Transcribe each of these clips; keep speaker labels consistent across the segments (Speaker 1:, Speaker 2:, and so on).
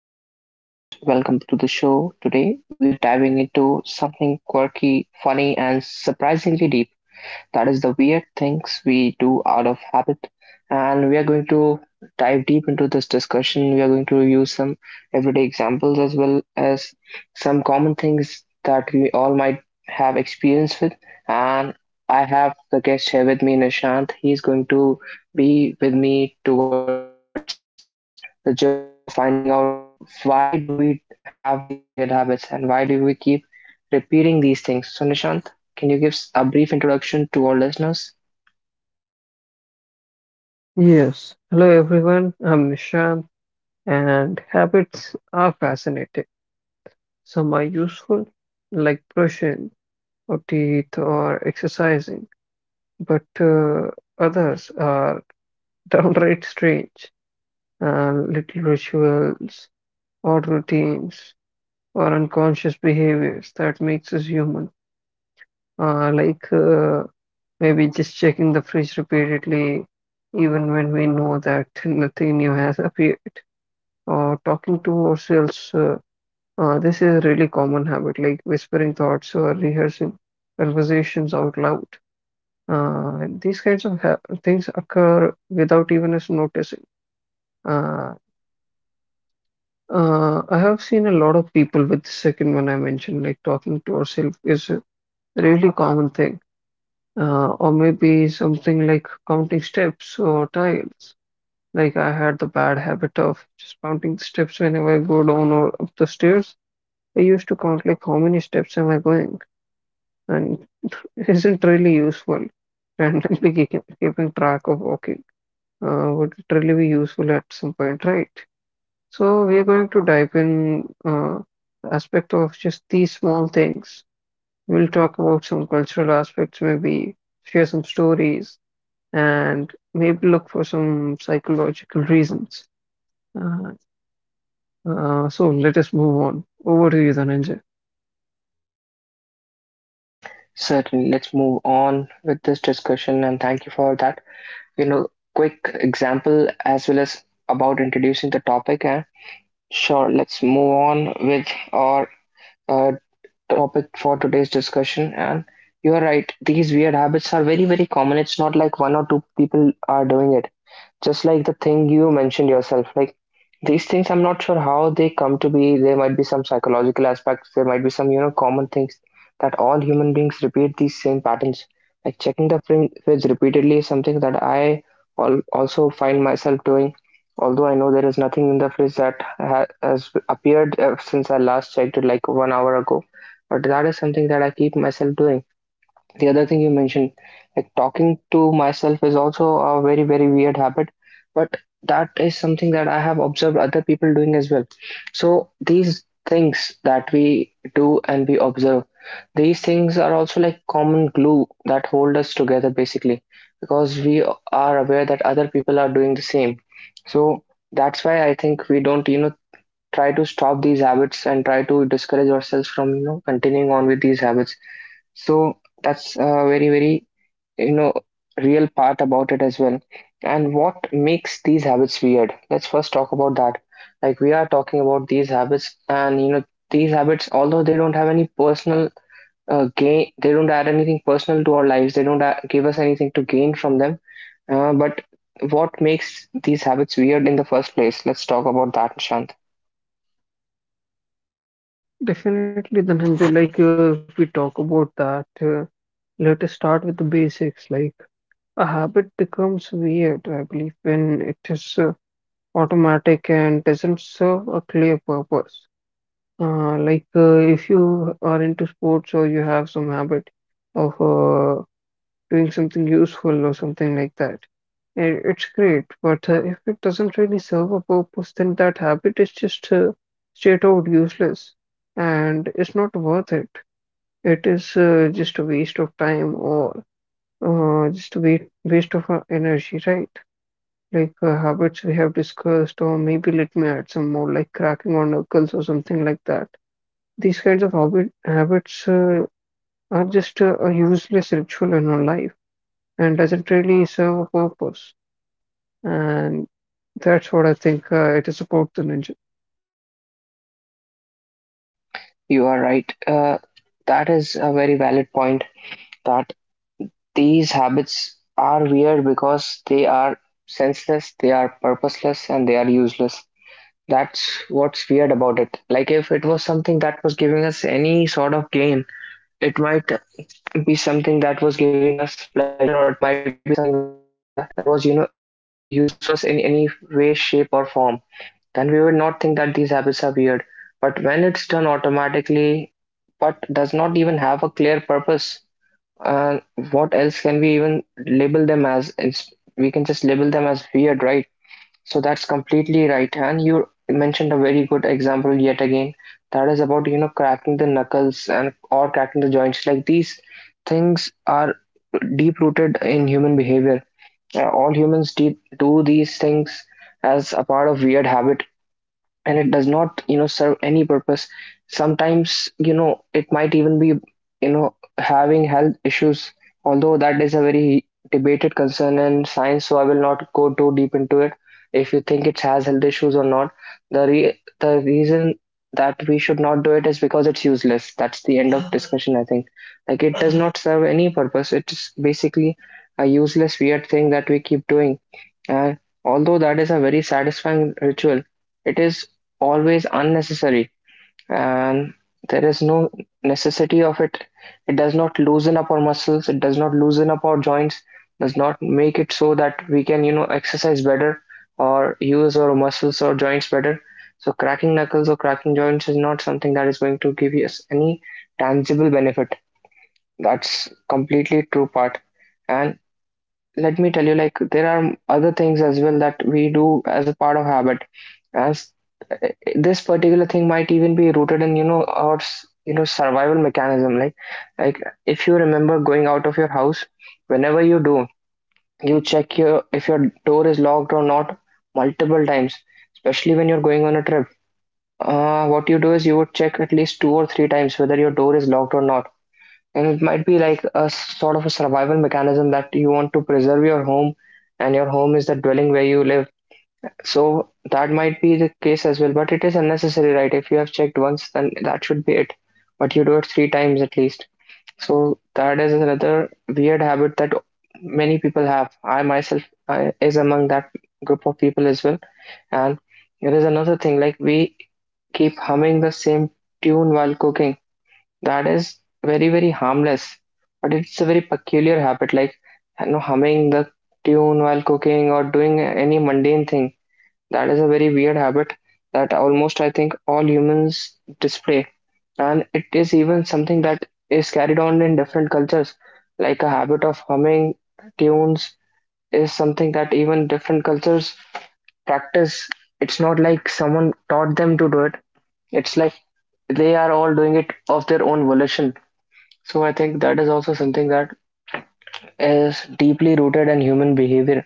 Speaker 1: This is your host. Welcome to the show. Today, we are diving into something quirky, funny, and surprisingly deep, that is the weird things we do out of habit. And we are going to dive deep into this discussion. We are going to use some everyday examples as well as some common things that we all might have experience with. And I have the guest here with me, Nishant. He's going to be with me towards the journey of finding out why do we have these weird habits and why do we keep repeating these things. So, Nishant, can you give a brief introduction to our listeners?
Speaker 2: Yes, hello everyone. I'm Nishant, and habits are fascinating. Some are useful, like brushing or teeth or exercising, but others are downright strange. Little rituals or routines or unconscious behaviors that makes us human, like maybe just checking the fridge repeatedly, even when we know that nothing new has appeared. Talking to ourselves. This is a really common habit, like whispering thoughts or rehearsing conversations out loud. And these kinds of ha things occur without even us noticing. Uh, I have seen a lot of people with the second one I mentioned, like talking to ourselves is a really common thing. Or maybe something like counting steps or tiles. Like I had the bad habit of just counting the steps whenever I go down or up the stairs. I used to count like how many steps am I going, and it isn't really useful. Randomly keeping track of walking would it really be useful at some point, right? So we are going to dive in the aspect of just these small things. We'll talk about some cultural aspects, maybe share some stories, and maybe look for some psychological reasons. Uh, so let us move on. Over to you, Dhananjay.
Speaker 1: Certainly, let's move on with this discussion and thank you for that. You know, quick example as well as about introducing the topic. And sure, let's move on with our uh, topic for today's discussion. And you're right, these weird habits are very, very common. It's not like one or two people are doing it. Just like the thing you mentioned yourself, like these things, I'm not sure how they come to be. There might be some psychological aspects, there might be some, you know, common things that all human beings repeat, these same patterns, like checking the fridge repeatedly is something that I also find myself doing, although I know there is nothing in the fridge that has appeared since I last checked it like 1 hour ago. But that is something that I keep myself doing. The other thing you mentioned, like talking to myself, is also a very, very weird habit, but that is something that I have observed other people doing as well. So these things that we do and we observe, these things are also like common glue that hold us together basically, because we are aware that other people are doing the same. So that's why I think we don't, you know, try to stop these habits and try to discourage ourselves from, you know, continuing on with these habits. So that's a very, very, you know, real part about it as well. And what makes these habits weird? Let's first talk about that. Like, we are talking about these habits, and you know, these habits, although they don't have any personal gain, they don't add anything personal to our lives. They don't give us anything to gain from them. But what makes these habits weird in the first place? Let's talk about that, Nishant.
Speaker 2: Definitely, Dhananjay, like if we talk about that, let us start with the basics. Like a habit becomes weird, I believe, when it is automatic and doesn't serve a clear purpose. Like if you are into sports or you have some habit of doing something useful or something like that, it's great. But if it doesn't really serve a purpose, then that habit is just straight out useless and it's not worth it. It is just a waste of time or just a waste of our energy, right? Like habits we have discussed, or maybe let me add some more, like cracking on knuckles or something like that. These kinds of habits are just a useless ritual in our life and doesn't really serve a purpose. And that's what I think it is about the ninja.
Speaker 1: You are right. That is a very valid point. That These habits are weird because they are senseless, they are purposeless, and they are useless. That's what's weird about it. Like, if it was something that was giving us any sort of gain, it might be something that was giving us pleasure, or it might be something that was, you know, useful to us in any way, shape, or form. Then we would not think that these habits are weird. But when it's done automatically, but does not even have a clear purpose, and what else can we even label them as? We can just label them as weird, right? So that's completely right. And you mentioned a very good example yet again. That is about, you know, cracking the knuckles and or cracking the joints. Like, these things are deep rooted in human behavior. All humans do these things as a part of weird habit, and it does not, you know, serve any purpose. Sometimes, you know, it might even be, you know, having health issues, although that is a very debated concern in science, so I will not go too deep into it, if you think it has health issues or not. The the reason that we should not do it is because it's useless. That's the end of discussion, I think. Like, it does not serve any purpose. It's basically a useless weird thing that we keep doing. And although that is a very satisfying ritual, it is always unnecessary, and there is no necessity of it. It does not loosen up our muscles, it does not loosen up our joints, does not make it so that we can, you know, exercise better or use our muscles or joints better. So cracking knuckles or cracking joints is not something that is going to give us any tangible benefit. That's completely true part. And let me tell you, like, there are other things as well that we do as a part of habit. As uh, this particular thing might even be rooted in, you know, our you know, survival mechanism. Like, if you remember going out of your house, whenever you do, you check your, if your door is locked or not, multiple times, especially when you're going on a trip. What you do is you would check at least two or three times whether your door is locked or not, and it might be like a sort of a survival mechanism that you want to preserve your home, and your home is the dwelling where you live. So that might be the case as well, but it is unnecessary, right? If you have checked once, then that should be it. But you do it three times at least. So that is another weird habit that many people have. I myself, is among that group of people as well. And there is another thing, like we keep humming the same tune while cooking. That is very, very harmless, but it's a very peculiar habit, like, you know, humming the tune while cooking or doing any mundane thing. That is a very weird habit that almost I think all humans display, and it is even something that is carried on in different cultures. Like, a habit of humming tunes is something that even different cultures practice. It's not like someone taught them to do it. It's like they are all doing it of their own volition. So I think that is also something that is deeply rooted in human behavior.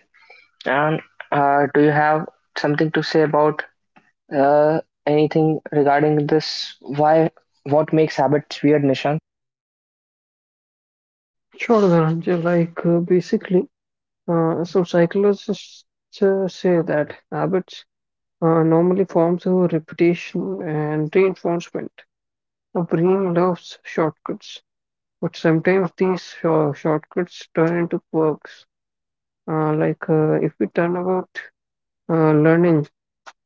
Speaker 1: And do you have something to say about uh, anything regarding this? Why? What makes habits weird, Nishan?
Speaker 2: Sure, the ninja, like basically, some psychologists say that habits normally forms a reputation and reinforcement. The brain loves shortcuts, but sometimes these shortcuts turn into quirks. Like if we turn about learning,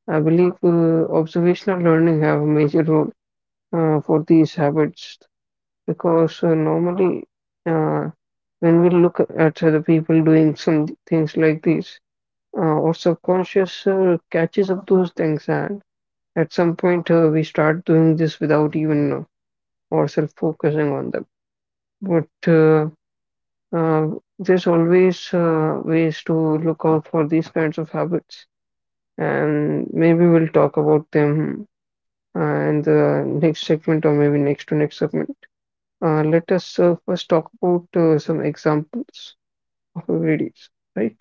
Speaker 2: I believe observational learning have a major role for these habits because normally uh, when we look at other people doing some things like these, our subconscious catches up those things and at some point, we start doing this without even ourselves focusing on them. But there's always ways to look out for these kinds of habits, and maybe we'll talk about them in the next segment or maybe next to next segment. Let us first talk about some examples of everydays, right?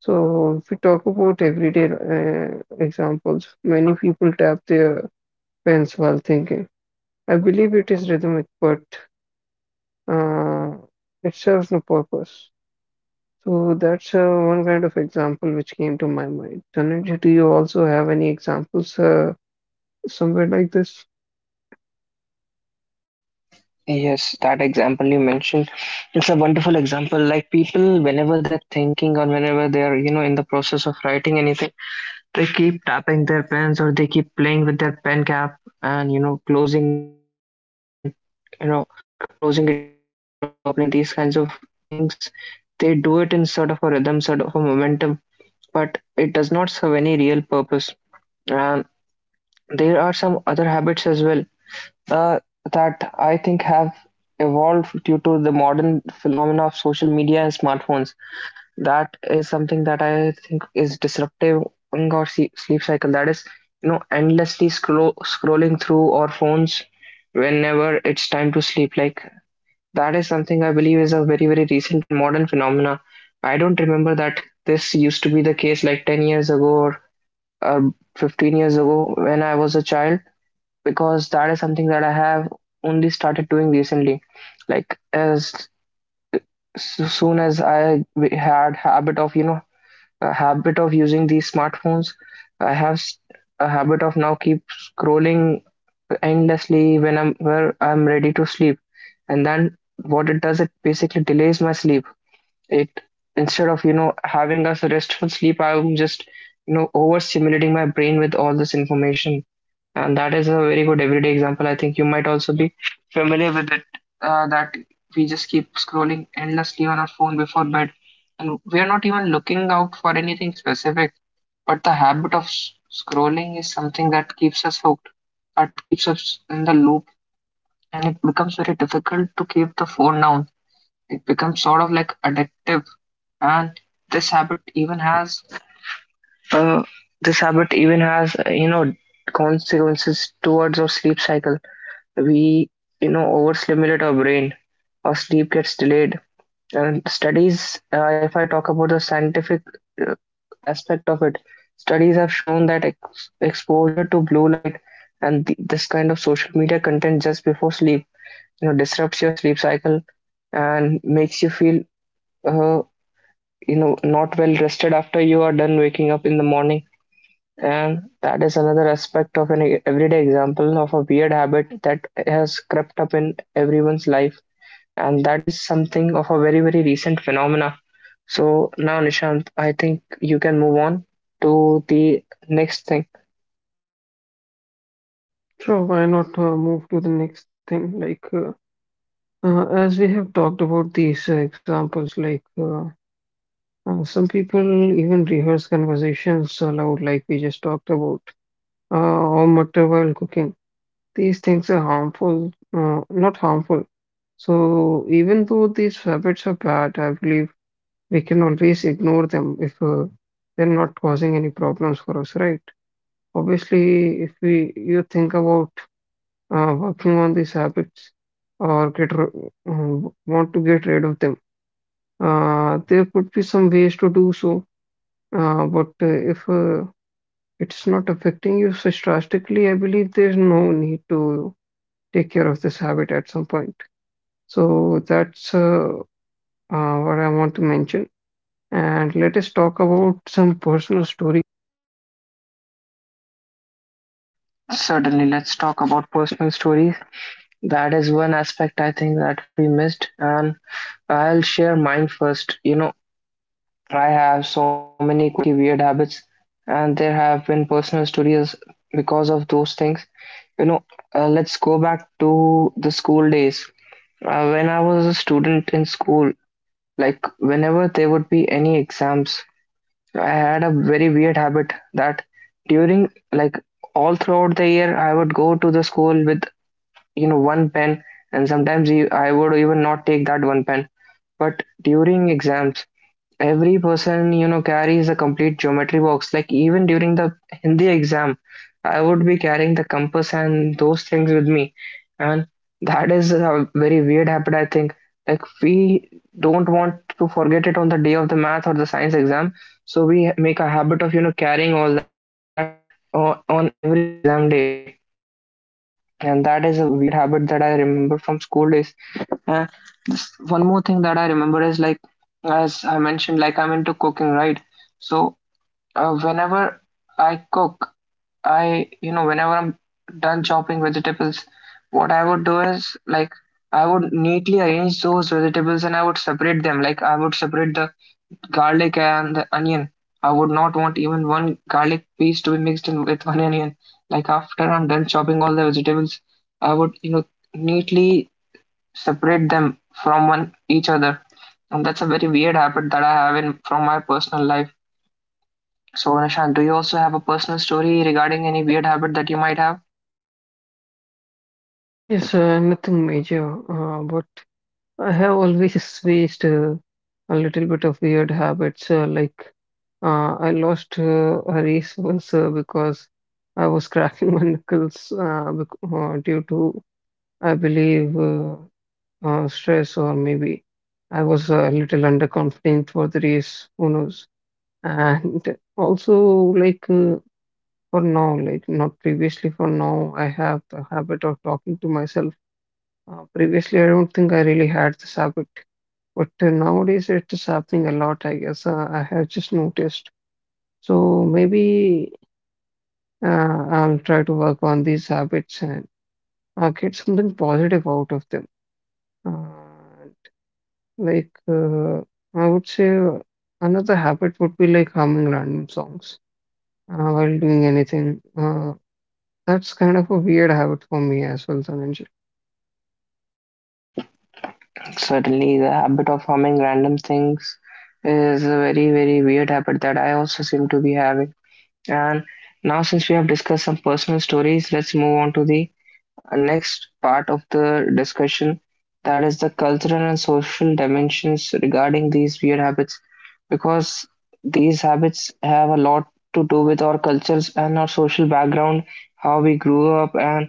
Speaker 2: So, if we talk about everyday examples, many people tap their pens while thinking. I believe it is rhythmic, but uh, it serves no purpose. So that's one kind of example which came to my mind. Tanuj, do you also have any examples somewhere like this?
Speaker 1: Yes, that example you mentioned, it's a wonderful example. Like, people, whenever they're thinking or whenever they're, you know, in the process of writing anything, they keep tapping their pens or they keep playing with their pen cap and, you know, closing it and, you know, closing it and opening it and these kinds of things, they do it in sort of a rhythm, sort of a momentum, but it does not serve any real purpose. And there are some other habits as well, uh, that I think have evolved due to the modern phenomena of social media and smartphones. That is something that I think is disruptive in our sleep cycle, that is, you know, endlessly scrolling through our phones whenever it's time to sleep. Like, that is something I believe is a very, very recent and modern phenomena. I don't remember that this used to be the case like 10 years ago or uh, 15 years ago when I was a child, because that is something that I have only started doing recently. Like, as so soon as I had habit of, you know, a habit of using these smartphones, I have a habit of now keep scrolling endlessly whenever I'm ready to sleep. And then what it does, it basically delays my sleep. It Instead of, you know, having a restful sleep, I'm just, you know, overstimulating my brain with all this information. And that is a very good everyday example. I think you might also be familiar with it, that we just keep scrolling endlessly on our phone before bed, and we are not even looking out for anything specific. But the habit of scrolling is something that keeps us hooked, that keeps us in the loop, and it becomes very difficult to keep the phone down. It becomes sort of like addictive, and this habit even has uh, this habit even has, you know, consequences towards our sleep cycle. We, you know, overstimulate our brain, our sleep gets delayed. And studies, if I talk about the scientific uh, aspect of it, studies have shown that exposure to blue light and this kind of social media content just before sleep disrupts your sleep cycle and makes you feel uh, not well rested after you are done waking up in the morning. And that is another aspect of an everyday example of a weird habit that has crept up in everyone's life, and that is something of a very, very recent phenomena. So now, Nishant, I think you can move on to the next thing.
Speaker 2: Sure, why not move to the next thing? Like, as we have talked about these examples, like some people even rehearse conversations aloud, like we just talked about, or mutter while cooking. These things are harmful, not harmful. So even though these habits are bad, I believe we can always ignore them if they're not causing any problems for us, right? Obviously, if we you think about working on these habits or want to get rid of them, there could be some ways to do so. But if it's not affecting you such drastically, I believe there's no need to take care of this habit at some point. So that's what I want to mention. And let us talk about some personal story.
Speaker 1: Certainly, let's talk about personal stories. That is one aspect I think that we missed, and I'll share mine first. You know, I have so many quirky, weird habits, and there have been personal stories because of those things. You know, let's go back to the school days. When I was a student in school, like whenever there would be any exams, I had a very weird habit that during, like, all throughout the year, I would go to the school with one pen, and sometimes I would even not take that one pen. But during exams, every person carries a complete geometry box. Like even during the Hindi exam, I would be carrying the compass and those things with me. And that is a very weird habit, I think. Like we don't want to forget it on the day of the math or the science exam, so we make a habit of carrying all that on every exam day. And that is a weird habit that I remember from school days. And just one more thing that I remember is, like, as I mentioned, like, I'm into cooking, right? So whenever I cook, I whenever I'm done chopping vegetables, what I would do is, like, I would neatly arrange those vegetables and I would separate them. Like I would separate the garlic and the onion. I would not want even one garlic piece to be mixed in with one onion. Like after I'm done chopping all the vegetables, I would neatly separate them from one each other. And that's a very weird habit that I have in from my personal life. So Nishant, do you also have a personal story regarding any weird habit that you might have?
Speaker 2: Yes, nothing major, but I have always faced a little bit of weird habits. Like I lost a race once because I was cracking my knuckles bec due to, I believe, stress or maybe I was a little underconfident for the race. Who knows? And also, like for now, like not previously, for now, I have the habit of talking to myself. Previously, I don't think I really had this habit, but nowadays it's happening a lot, I guess. I have just noticed. So maybe uh, I'll try to work on these habits and get something positive out of them. Uh, like, I would say another habit would be like humming random songs while doing anything. That's kind of a weird habit for me as well, Dhananjay.
Speaker 1: Certainly, the habit of humming random things is a very, very weird habit that I also seem to be having. And now, since we have discussed some personal stories, let's move on to the next part of the discussion, that is the cultural and social dimensions regarding these weird habits, because these habits have a lot to do with our cultures and our social background, how we grew up, and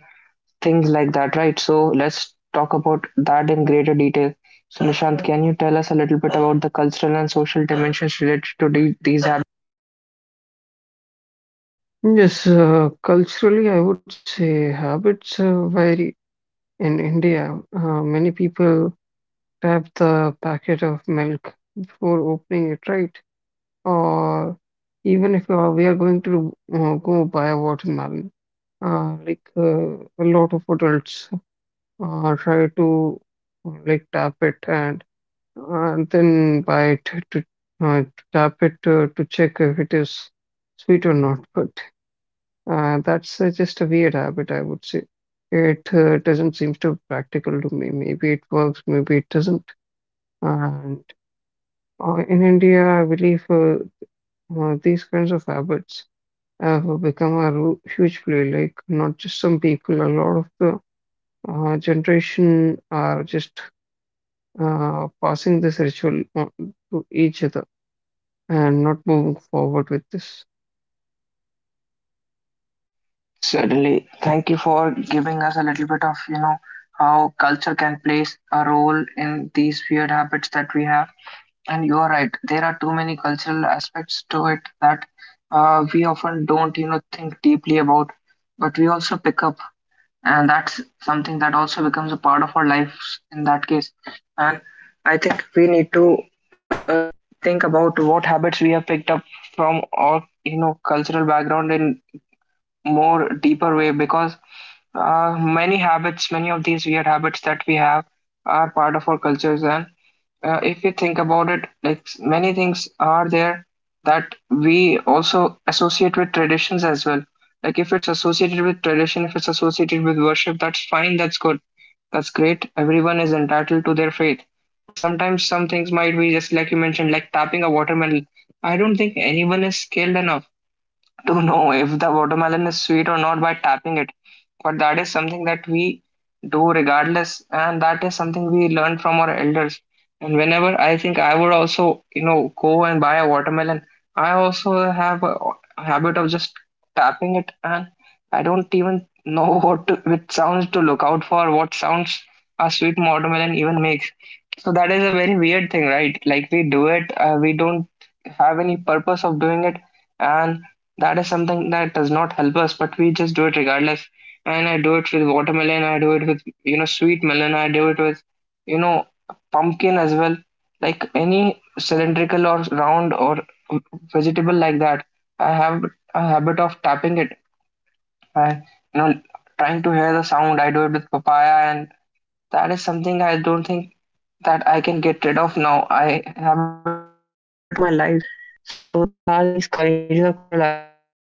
Speaker 1: things like that, right? So, let's talk about that in greater detail. So, Nishant, can you tell us a little bit about the cultural and social dimensions related to these habits?
Speaker 2: Yes, culturally, I would say habits vary. In India, many people tap the packet of milk before opening it, right? Or even if we are going to go buy a watermelon, like a lot of adults try to like tap it and then bite to to tap it to check if it is sweet or not. But that's just a weird habit, I would say. It doesn't seem to practical to me. Maybe it works, maybe it doesn't. And in India, I believe these kinds of habits have become a huge play. Like not just some people, a lot of the generation are just passing this ritual on to each other and not moving forward with this.
Speaker 1: Certainly. Thank you for giving us a little bit of, you know, how culture can play a role in these weird habits that we have. And you are right, there are too many cultural aspects to it that we often don't, you know, think deeply about, but we also pick up. And that's something that also becomes a part of our lives in that case. And I think we need to uh, think about what habits we have picked up from our, you know, cultural background in more deeper way, because many habits, many of these weird habits that we have are part of our cultures. And if you think about it, like, many things are there that we also associate with traditions as well. Like if it's associated with tradition, if it's associated with worship, that's fine, that's good, that's great. Everyone is entitled to their faith. But sometimes some things might be just like you mentioned, like tapping a watermelon. I don't think anyone is skilled enough to know if the watermelon is sweet or not by tapping it. But that is something that we do regardless, and that is something we learn from our elders. And whenever I think I would also, you know, go and buy a watermelon, I also have a habit of just tapping it, and I don't even know what to, which sounds to look out for, what sounds a sweet watermelon even makes. So that is a very weird thing, right? Like we do it, we don't have any purpose of doing it, and that is something that does not help us, but we just do it regardless. And I do it with watermelon, I do it with, you know, sweet melon, I do it with, you know, pumpkin as well. Like any cylindrical or round or vegetable like that, I have a habit of tapping it. I, you know, trying to hear the sound. I do it with papaya, and that is something I don't think that I can get rid of now. I have it as a part of my life. So there are these kinds of cultural aspects, and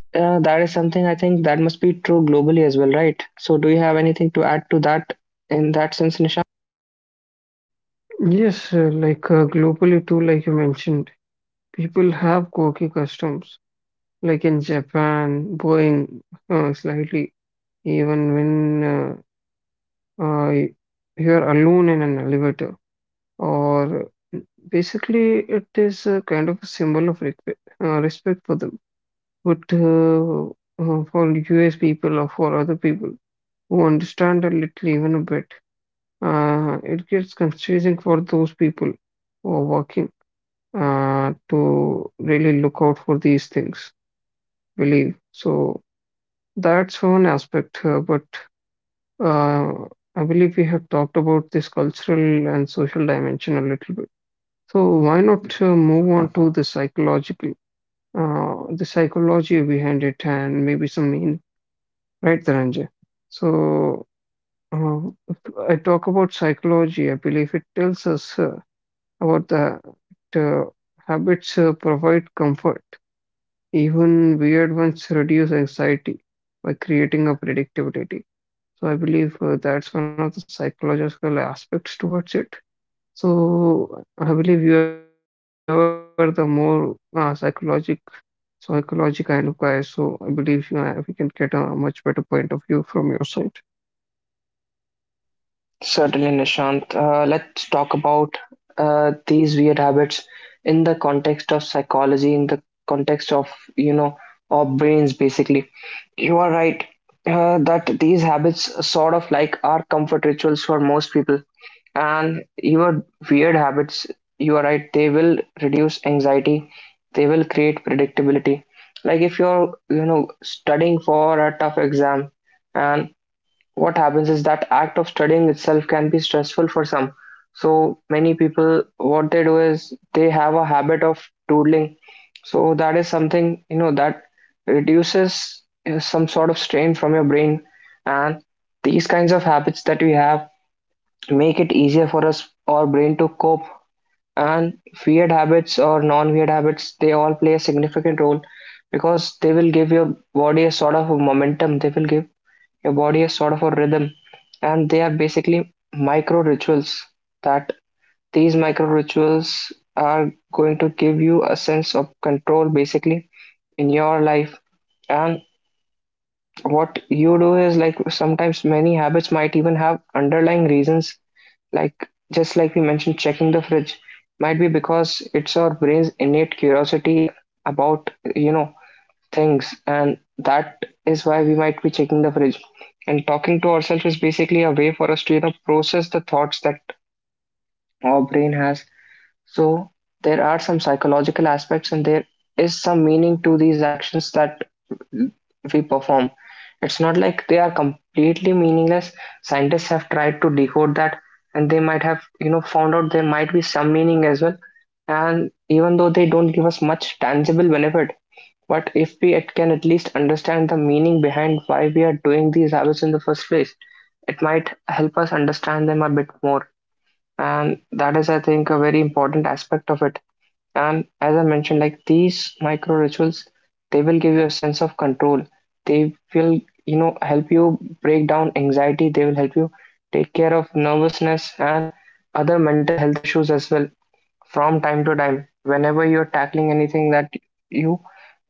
Speaker 1: that is something I think that must be true globally as well, right? So, do you have anything to add to that in that sense, Nish?
Speaker 2: Yes, like globally too, like you mentioned, people have quirky customs. Like in Japan, bowing slightly, even when you are alone in an elevator, or basically it is a kind of a symbol of respect, respect for them. But for US people or for other people who understand a little even a bit, it gets confusing for those people who are working to really look out for these things, believe. So that's one aspect, but uh, I believe we have talked about this cultural and social dimension a little bit. So why not move on to the psychological, the psychology behind it, and maybe some meaning, right, Dhananjay? So uh, if I talk about psychology, I believe it tells us about the habits provide comfort. Even weird ones reduce anxiety by creating a predictability. So I believe that's one of the psychological aspects towards it. So I believe you are the more psychology kind of guy. So I believe you we can get a much better point of view from your side.
Speaker 1: Certainly, Nishant. Let's talk about these weird habits in the context of psychology, in the context of, you know, our brains basically. You are right that these habits sort of like are comfort rituals for most people. And your weird habits, you are right, they will reduce anxiety, they will create predictability. Like if you're, you know, studying for a tough exam, and what happens is that act of studying itself can be stressful for some. So many people, what they do is they have a habit of doodling. So that is something, you know, that reduces some sort of strain from your brain. And these kinds of habits that we have make it easier for us our brain to cope. And weird habits or non-weird habits, they all play a significant role, because they will give your body a sort of a momentum, they will give your body has sort of a rhythm. And they are basically micro rituals, that these micro rituals are going to give you a sense of control basically in your life. And what you do is, like, sometimes many habits might even have underlying reasons, like, just like we mentioned, checking the fridge might be because it's our brain's innate curiosity about, you know, things, and that is why we might be checking the fridge. And talking to ourselves is basically a way for us to, you know, process the thoughts that our brain has. So there are some psychological aspects, and there is some meaning to these actions that we perform. It's not like they are completely meaningless. Scientists have tried to decode that, and they might have, you know, found out there might be some meaning as well. And even though they don't give us much tangible benefit, but if we can at least understand the meaning behind why we are doing these habits in the first place, it might help us understand them a bit more. And that is, I think, a very important aspect of it. And as I mentioned, like, these micro rituals, they will give you a sense of control, they will, you know, help you break down anxiety, they will help you take care of nervousness and other mental health issues as well from time to time, whenever you're tackling anything that you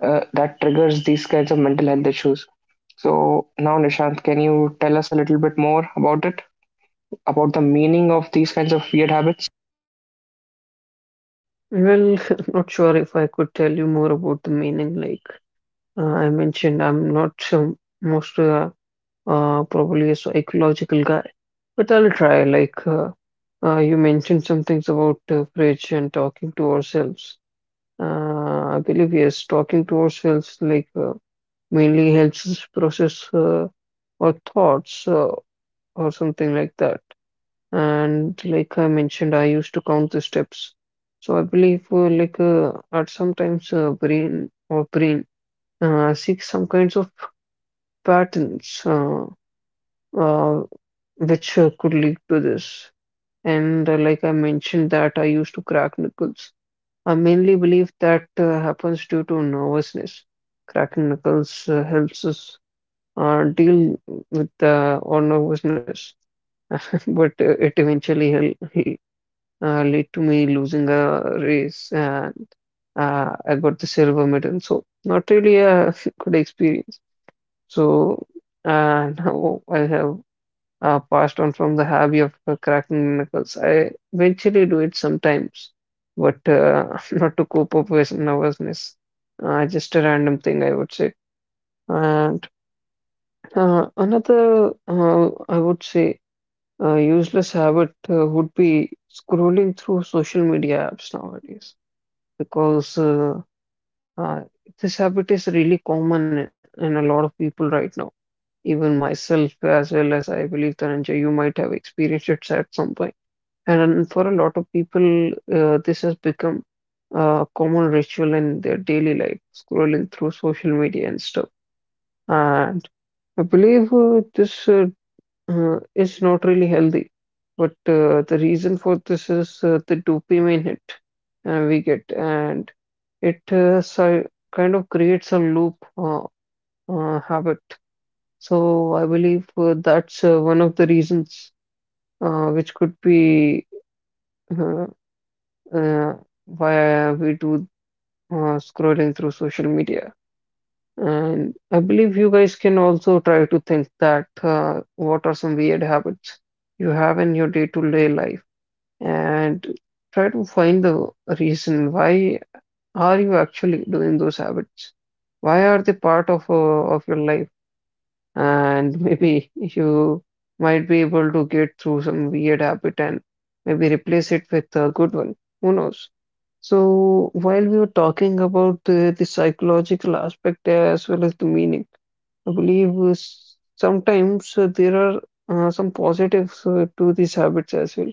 Speaker 1: that triggers these kinds of mental health issues. So now, Nishant, can you tell us a little bit more about it, about the meaning of these kinds of weird habits?
Speaker 2: Well, not sure if I could tell you more about the meaning. I mentioned, I'm not sure most. Probably a psychological guy, but I'll try. Like, you mentioned some things about fridge and talking to ourselves. I believe yes, talking to ourselves like mainly helps us process our thoughts or something like that. And like I mentioned, I used to count the steps. So I believe like at sometimes brain seeks some kinds of patterns. Uh, which could lead to this. And like I mentioned, that I used to crack knuckles. I mainly believe that happens due to nervousness. Cracking knuckles helps us deal with our nervousness, but it eventually lead to me losing a race, and I got the silver medal. So not really a good experience. So now I have passed on from the hobby of cracking knuckles. I eventually do it sometimes, but not to cope up with nervousness. Just a random thing, I would say. And another, I would say, useless habit would be scrolling through social media apps nowadays because uh, this habit is really common in a lot of people right now. Even myself, as well as I believe Dhananjay, you might have experienced it at some point. And for a lot of people, this has become a common ritual in their daily life, scrolling through social media and stuff. And I believe this is not really healthy. But the reason for this is the dopamine hit we get, and it kind of creates a loop habit. So I believe that's one of the reasons which could be uh, uh, via we do scrolling through social media. And I believe you guys can also try to think that what are some weird habits you have in your day-to-day life and try to find the reason why are you actually doing those habits? Why are they part of your life? And maybe you might be able to get through some weird habit and maybe replace it with a good one. Who knows? So, while we were talking about the psychological aspect as well as the meaning, I believe sometimes there are some positives to these habits as well.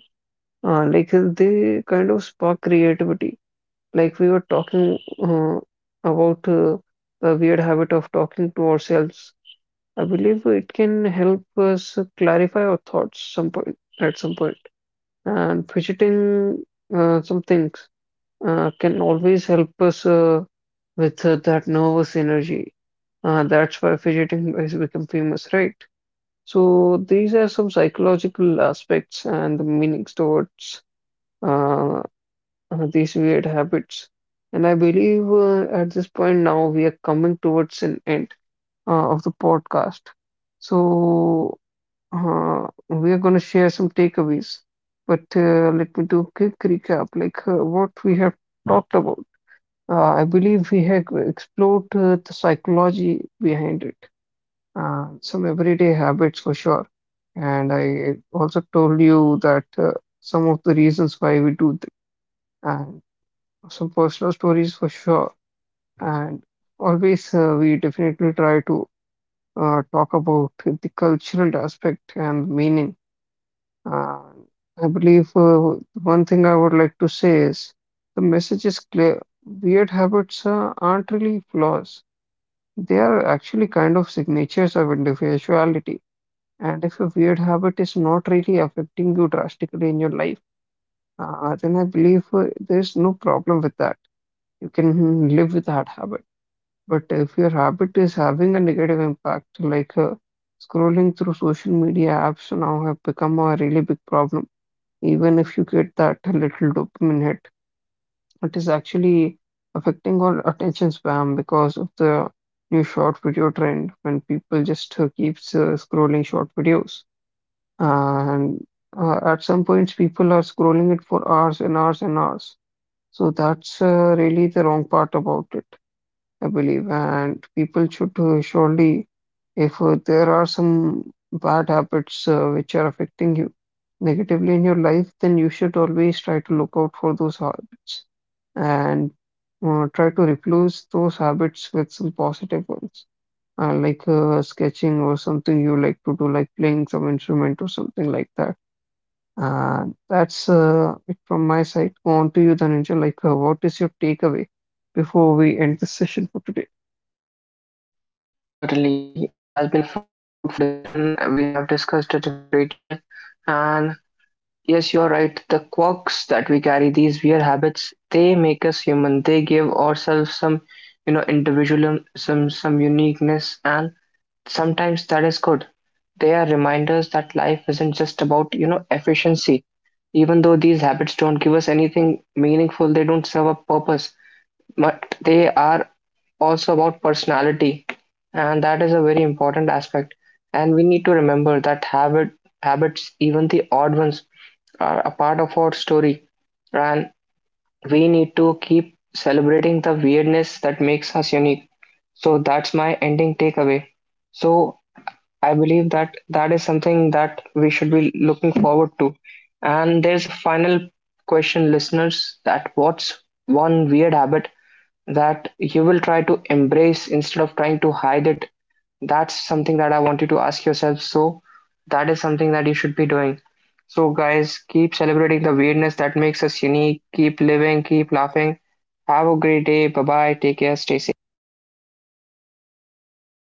Speaker 2: Like they kind of spark creativity. Like we were talking about the weird habit of talking to ourselves. I believe it can help us clarify our thoughts some point at some point. And fidgeting some things can always help us with that nervous energy. That's why fidgeting has become famous, right? So these are some psychological aspects and the meanings towards uh, these weird habits. And I believe at this point now we are coming towards an end of the podcast. So we are going to share some takeaways, but let me do a quick recap, like what we have talked about. I believe we have explored the psychology behind it, some everyday habits for sure. And I also told you that some of the reasons why and some personal stories for sure. And always we definitely try to talk about the cultural aspect and meaning. Uh, I believe one thing I would like to say is the message is clear. Weird habits aren't really flaws. They are actually kind of signatures of individuality. And if a weird habit is not really affecting you drastically in your life, then I believe there's no problem with that. You can live with that habit. But if your habit is having a negative impact, like scrolling through social media apps now have become a really big problem. Even if you get that little dopamine hit, it is actually affecting our attention span because of the new short video trend when people just keeps scrolling short videos. And at some points, people are scrolling it for hours and hours and hours. So that's really the wrong part about it, I believe, and people should surely, if there are some bad habits which are affecting you negatively in your life, then you should always try to look out for those habits and try to replace those habits with some positive ones, like sketching or something you like to do, like playing some instrument or something like that. And that's it from my side. Go on to you, Dhananjay. Like, what is your takeaway before we end this session for today?
Speaker 1: Certainly, it has been a fruitful discussion. We have discussed it in great detail. And yes, you're right. The quirks that we carry, these weird habits, they make us human. They give ourselves some, you know, individualism, some uniqueness, and sometimes that is good. They are reminders that life isn't just about, you know, efficiency. Even though these habits don't give us anything meaningful, they don't serve a purpose, but they are also about personality. And that is a very important aspect, and we need to remember that habits, even the odd ones, are a part of our story. And we need to keep celebrating the weirdness that makes us unique. So that's my ending takeaway. So I believe that that is something that we should be looking forward to. And there's a final question, listeners, that what's one weird habit that you will try to embrace instead of trying to hide it? That's something that I want you to ask yourself. So that is something that you should be doing. So guys, keep celebrating the weirdness that makes us unique. Keep living, keep laughing, have a great day. Bye bye, take care, stay safe.